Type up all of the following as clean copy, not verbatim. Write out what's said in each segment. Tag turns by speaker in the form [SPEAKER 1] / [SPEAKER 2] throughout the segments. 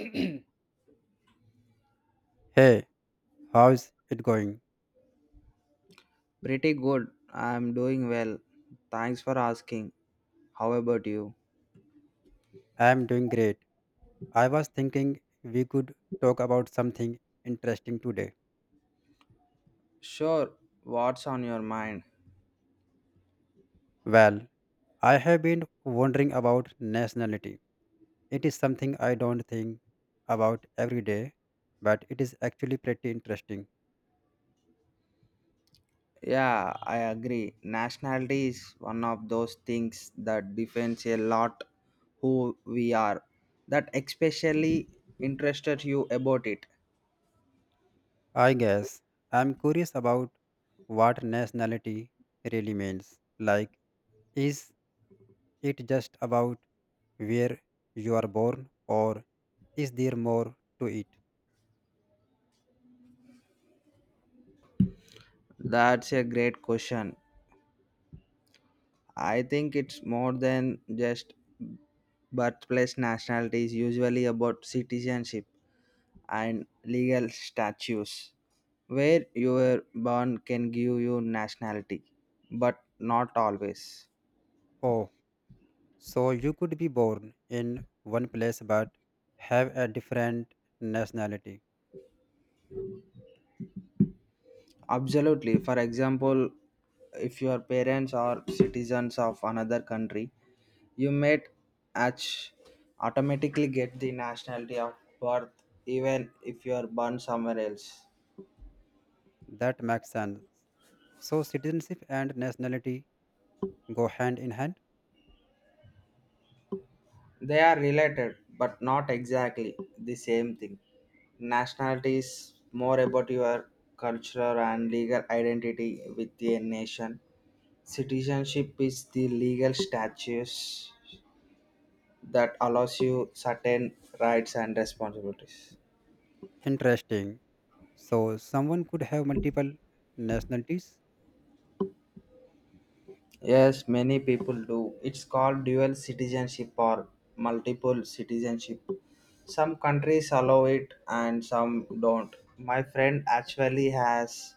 [SPEAKER 1] Hey, how's it going?
[SPEAKER 2] Pretty good. I'm doing well. Thanks for asking. How about you?
[SPEAKER 1] I'm doing great. I was thinking we could talk about something interesting today.
[SPEAKER 2] Sure. What's on your mind?
[SPEAKER 1] Well, I have been wondering about nationality. It is something I don't think about every day, but it is actually pretty interesting.
[SPEAKER 2] Yeah, I agree. Nationality is one of those things that defines a lot who we are. That especially interested you about it.
[SPEAKER 1] I guess I'm curious about what nationality really means. Like, is it just about where you are born, or is there more to it?
[SPEAKER 2] That's a great question. I think it's more than just birthplace nationality is usually about citizenship. And legal statutes, where you were born can give you nationality but not always
[SPEAKER 1] Oh, so you could be born in one place but have a different nationality.
[SPEAKER 2] absolutely for example if your parents are citizens of another country you might ach- automatically get the nationality of birth even if you are born somewhere else.
[SPEAKER 1] That makes sense. So citizenship and nationality go hand in hand.
[SPEAKER 2] They are related, but not exactly the same thing. Nationality is more about your cultural and legal identity with a nation. Citizenship is the legal status that allows you certain rights and responsibilities.
[SPEAKER 1] Interesting. So someone could have multiple nationalities.
[SPEAKER 2] Yes, many people do. It's called dual citizenship or multiple citizenship. Some countries allow it and some don't. My friend actually has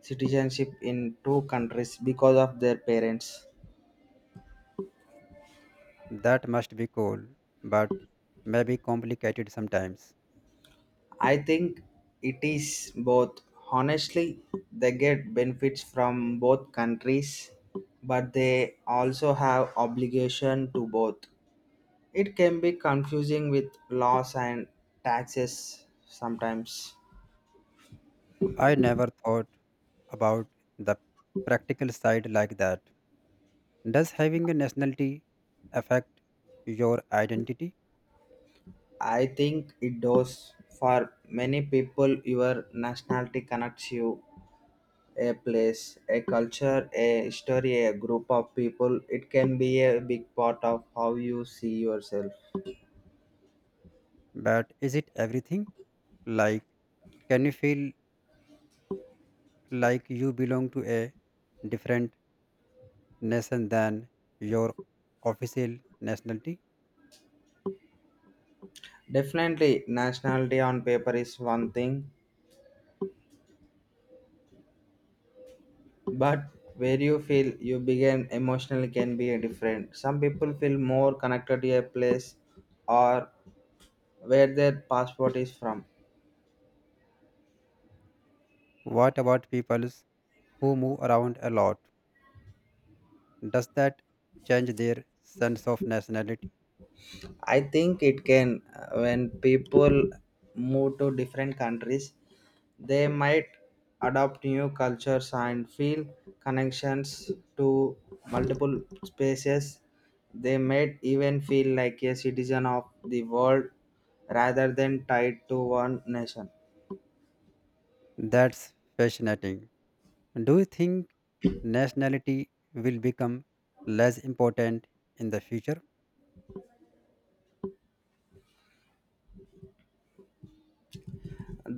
[SPEAKER 2] citizenship in two countries because of their parents.
[SPEAKER 1] That must be cool, but maybe complicated sometimes.
[SPEAKER 2] I think it is both. Honestly, they get benefits from both countries, but they also have obligation to both. It can be confusing with laws and taxes sometimes.
[SPEAKER 1] I never thought about the practical side like that. Does having a nationality affect your identity?
[SPEAKER 2] I think it does. For many people, your nationality connects you a place, a culture, a history, a group of people. It can be a big part of how you see yourself.
[SPEAKER 1] But is it everything? Like, can you feel like you belong to a different nation than your official nationality?
[SPEAKER 2] Definitely, nationality on paper is one thing, but where you feel you begin emotionally can be different. Some people feel more connected to a place or where their passport is from.
[SPEAKER 1] What about people who move around a lot? Does that change their sense of nationality?
[SPEAKER 2] I think it can when people move to different countries, they might adopt new cultures and feel connections to multiple spaces. They might even feel like a citizen of the world rather than tied to one nation.
[SPEAKER 1] That's fascinating. Do you think nationality will become less important in the future?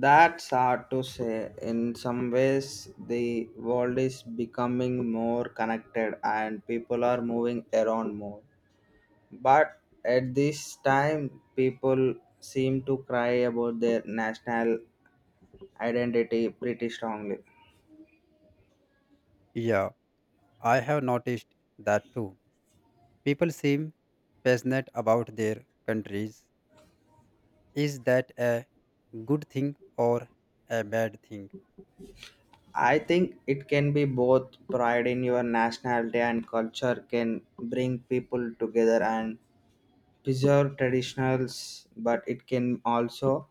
[SPEAKER 2] That's hard to say. In some ways, the world is becoming more connected and people are moving around more. But at this time, people seem to cry about their national identity pretty strongly.
[SPEAKER 1] Yeah, I have noticed that too. People seem passionate about their countries. Is that a good thing or a bad thing?
[SPEAKER 2] I think it can be both pride in your nationality and culture can bring people together and preserve traditionals, but it can also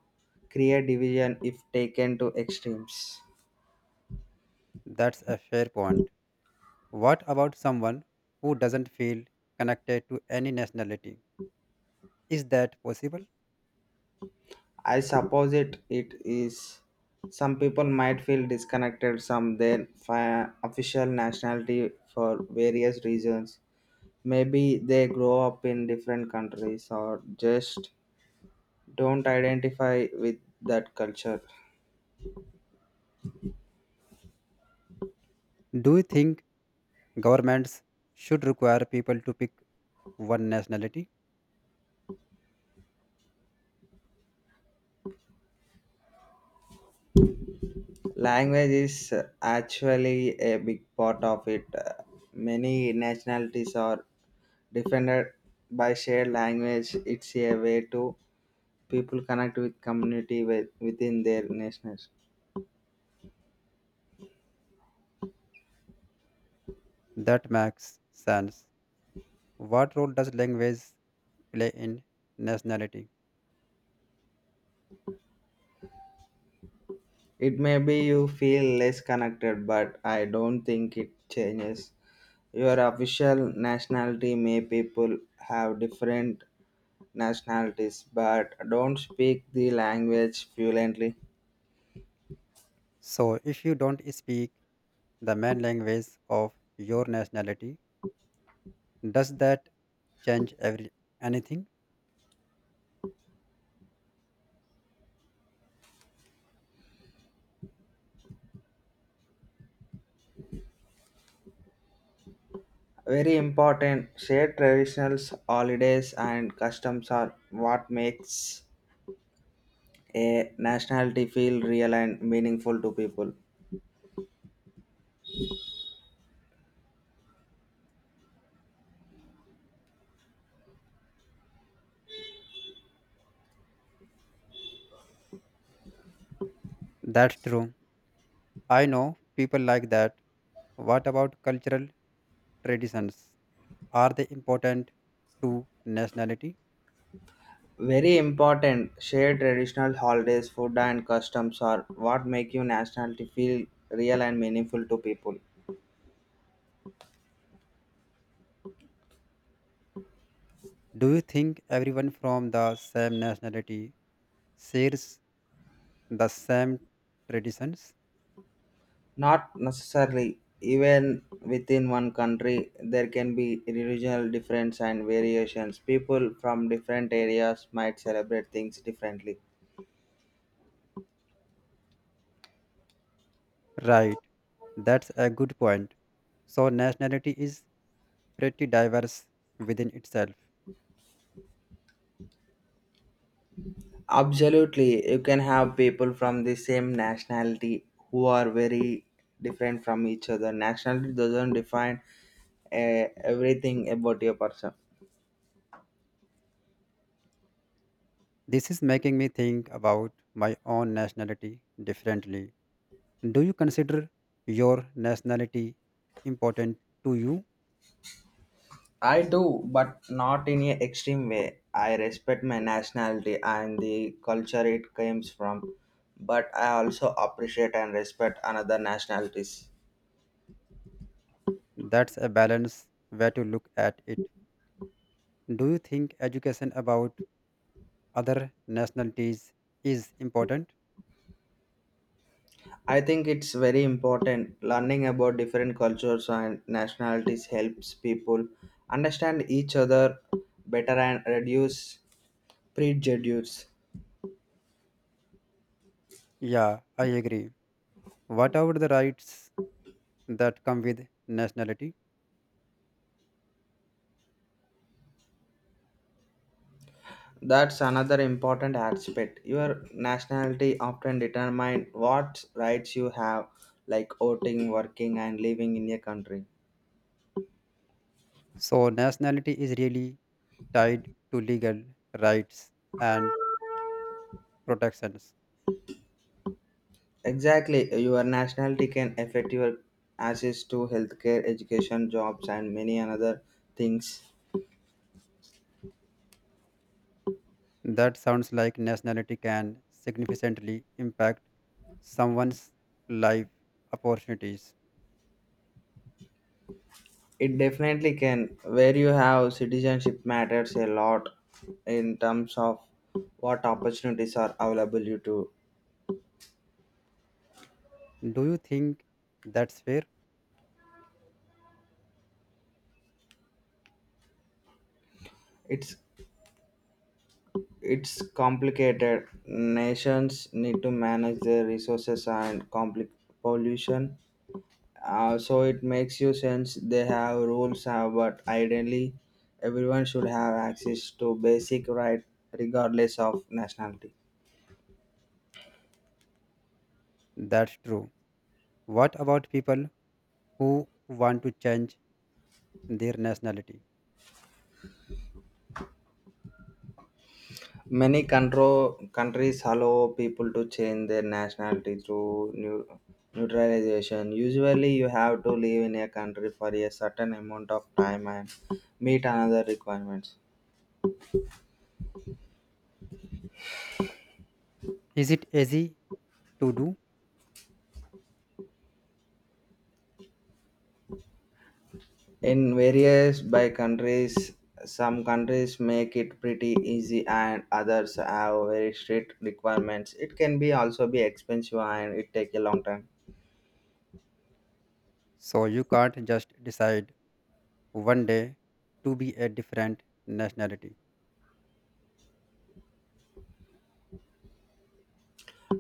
[SPEAKER 2] create division if taken to extremes.
[SPEAKER 1] That's a fair point. What about someone who doesn't feel connected to any nationality? Is that possible?
[SPEAKER 2] I suppose it is. Some people might feel disconnected from their official nationality for various reasons. Maybe they grow up in different countries or just don't identify with that culture.
[SPEAKER 1] Do you think governments should require people to pick one nationality?
[SPEAKER 2] Language is actually a big part of it. Many nationalities are defended by shared language. It's a way to people connect with community with, within their nations.
[SPEAKER 1] That makes sense. What role does language play in nationality?
[SPEAKER 2] It may be you feel less connected, but I don't think it changes. Your official nationality may people have different nationalities but don't speak the language fluently.
[SPEAKER 1] So, if you don't speak the main language of your nationality, does that change every anything?
[SPEAKER 2] Very important, shared traditions, holidays and customs are what makes a nationality feel real and meaningful to people.
[SPEAKER 1] That's true. I know people like that. What about cultural traditions? Are they important to nationality?
[SPEAKER 2] Very important. Share traditional holidays, food, and customs are what make your nationality feel real and meaningful to people.
[SPEAKER 1] Do you think everyone from the same nationality shares the same traditions?
[SPEAKER 2] Not necessarily, even within one country, there can be regional difference and variations. People from different areas might celebrate things differently.
[SPEAKER 1] Right, that's a good point. So, nationality is pretty diverse within itself.
[SPEAKER 2] Absolutely, you can have people from the same nationality who are very different from each other. Nationality doesn't define everything about your person.
[SPEAKER 1] This is making me think about my own nationality differently. Do you consider your nationality important to you?
[SPEAKER 2] I do, but not in an extreme way. I respect my nationality and the culture it comes from, but I also appreciate and respect another nationalities.
[SPEAKER 1] That's a balanced way to look at it. Do you think education about other nationalities is important?
[SPEAKER 2] I think it's very important learning about different cultures and nationalities helps people understand each other better and reduce prejudice.
[SPEAKER 1] Yeah, I agree. What are the rights that come with nationality?
[SPEAKER 2] That's another important aspect. Your nationality often determines what rights you have, like voting, working, and living in a country.
[SPEAKER 1] So, nationality is really tied to legal rights and protections.
[SPEAKER 2] Exactly, your nationality can affect your access to healthcare, education, jobs, and many another things.
[SPEAKER 1] That sounds like nationality can significantly impact someone's life opportunities.
[SPEAKER 2] It definitely can. Where you have citizenship matters a lot in terms of what opportunities are available you to.
[SPEAKER 1] Do you think that's fair?
[SPEAKER 2] It's It's complicated. Nations need to manage their resources and compli pollution. So it makes you sense they have rules, but ideally, everyone should have access to basic right regardless of nationality.
[SPEAKER 1] That's true. What about people who want to change their nationality?
[SPEAKER 2] Many control, countries allow people to change their nationality through new, neutralization. Usually, you have to live in a country for a certain amount of time and meet another requirements.
[SPEAKER 1] Is it easy to do?
[SPEAKER 2] In various by countries, some countries make it pretty easy and others have very strict requirements. It can be also be expensive and it take a long time.
[SPEAKER 1] So you can't just decide one day to be a different nationality.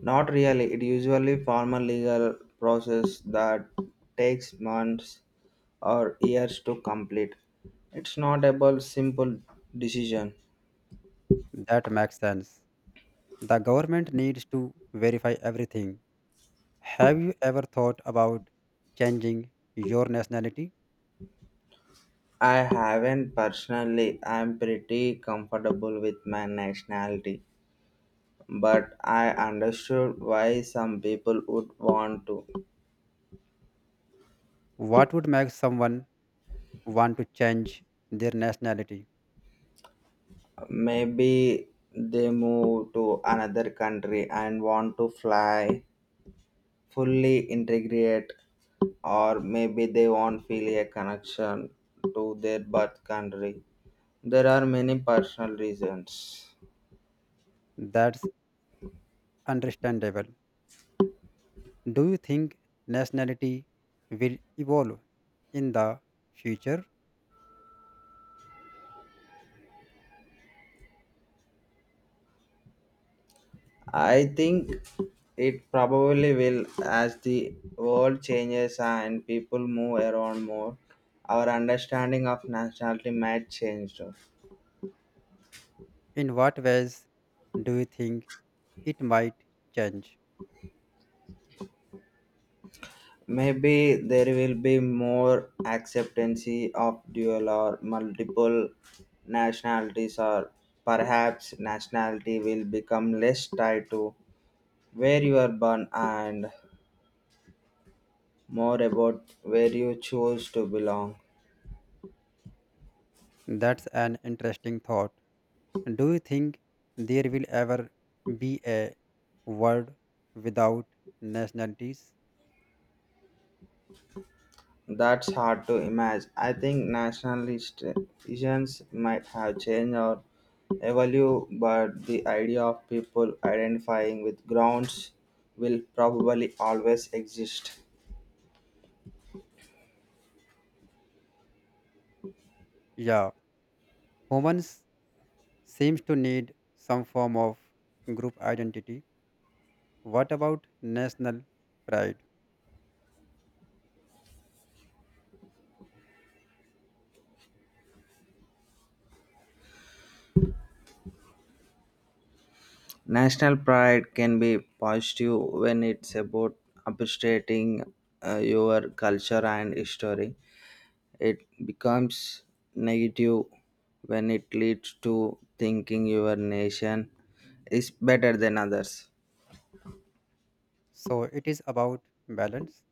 [SPEAKER 2] Not really, it usually formal legal process that takes months or years to complete. It's not about simple decision.
[SPEAKER 1] That makes sense. The government needs to verify everything. Have you ever thought about changing your nationality?
[SPEAKER 2] I haven't personally, I'm pretty comfortable with my nationality, but I understood why some people would want to.
[SPEAKER 1] What would make someone want to change their nationality?
[SPEAKER 2] Maybe they move to another country and want to fully integrate, or maybe they want feel a connection to their birth country. There are many personal reasons.
[SPEAKER 1] That's understandable. Do you think nationality will evolve in the future?
[SPEAKER 2] I think it probably will as the world changes and people move around more. Our understanding of nationality might change. Too.
[SPEAKER 1] In what ways do you think it might change?
[SPEAKER 2] Maybe there will be more acceptancy of dual or multiple nationalities, or perhaps nationality will become less tied to where you are born and more about where you choose to belong.
[SPEAKER 1] That's an interesting thought. Do you think there will ever be a world without nationalities?
[SPEAKER 2] That's hard to imagine. I think nationalizations might have changed or evolved, but the idea of people identifying with grounds will probably always exist.
[SPEAKER 1] Yeah, humans seems to need some form of group identity. What about national pride?
[SPEAKER 2] National pride can be positive when it's about appreciating your culture and history. It becomes negative when it leads to thinking your nation is better than others.
[SPEAKER 1] So it is about balance.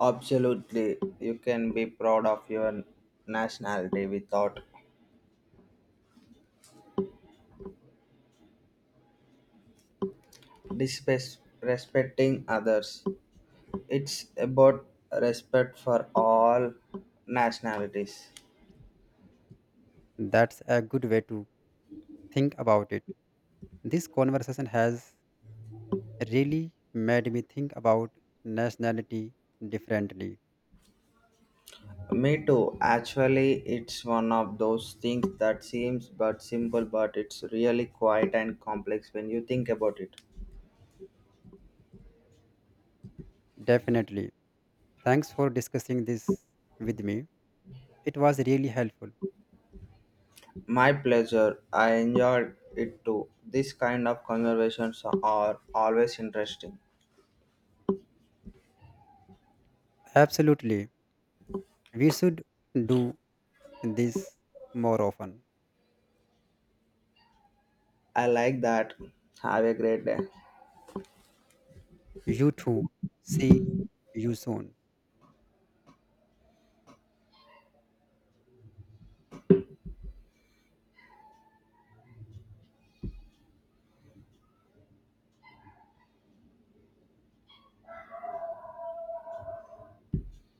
[SPEAKER 2] Absolutely, you can be proud of your nationality without disrespecting others. It's about respect for all nationalities.
[SPEAKER 1] That's a good way to think about it. This conversation has really made me think about nationality differently.
[SPEAKER 2] Me too. Actually, it's one of those things that seems but simple, but it's really quiet and complex when you think about it.
[SPEAKER 1] Definitely. Thanks for discussing this with me. It was really helpful.
[SPEAKER 2] My pleasure. I enjoyed it too. This kind of conversations are always interesting.
[SPEAKER 1] Absolutely. We should do this more often.
[SPEAKER 2] I like that. Have a great day.
[SPEAKER 1] You too. See you soon.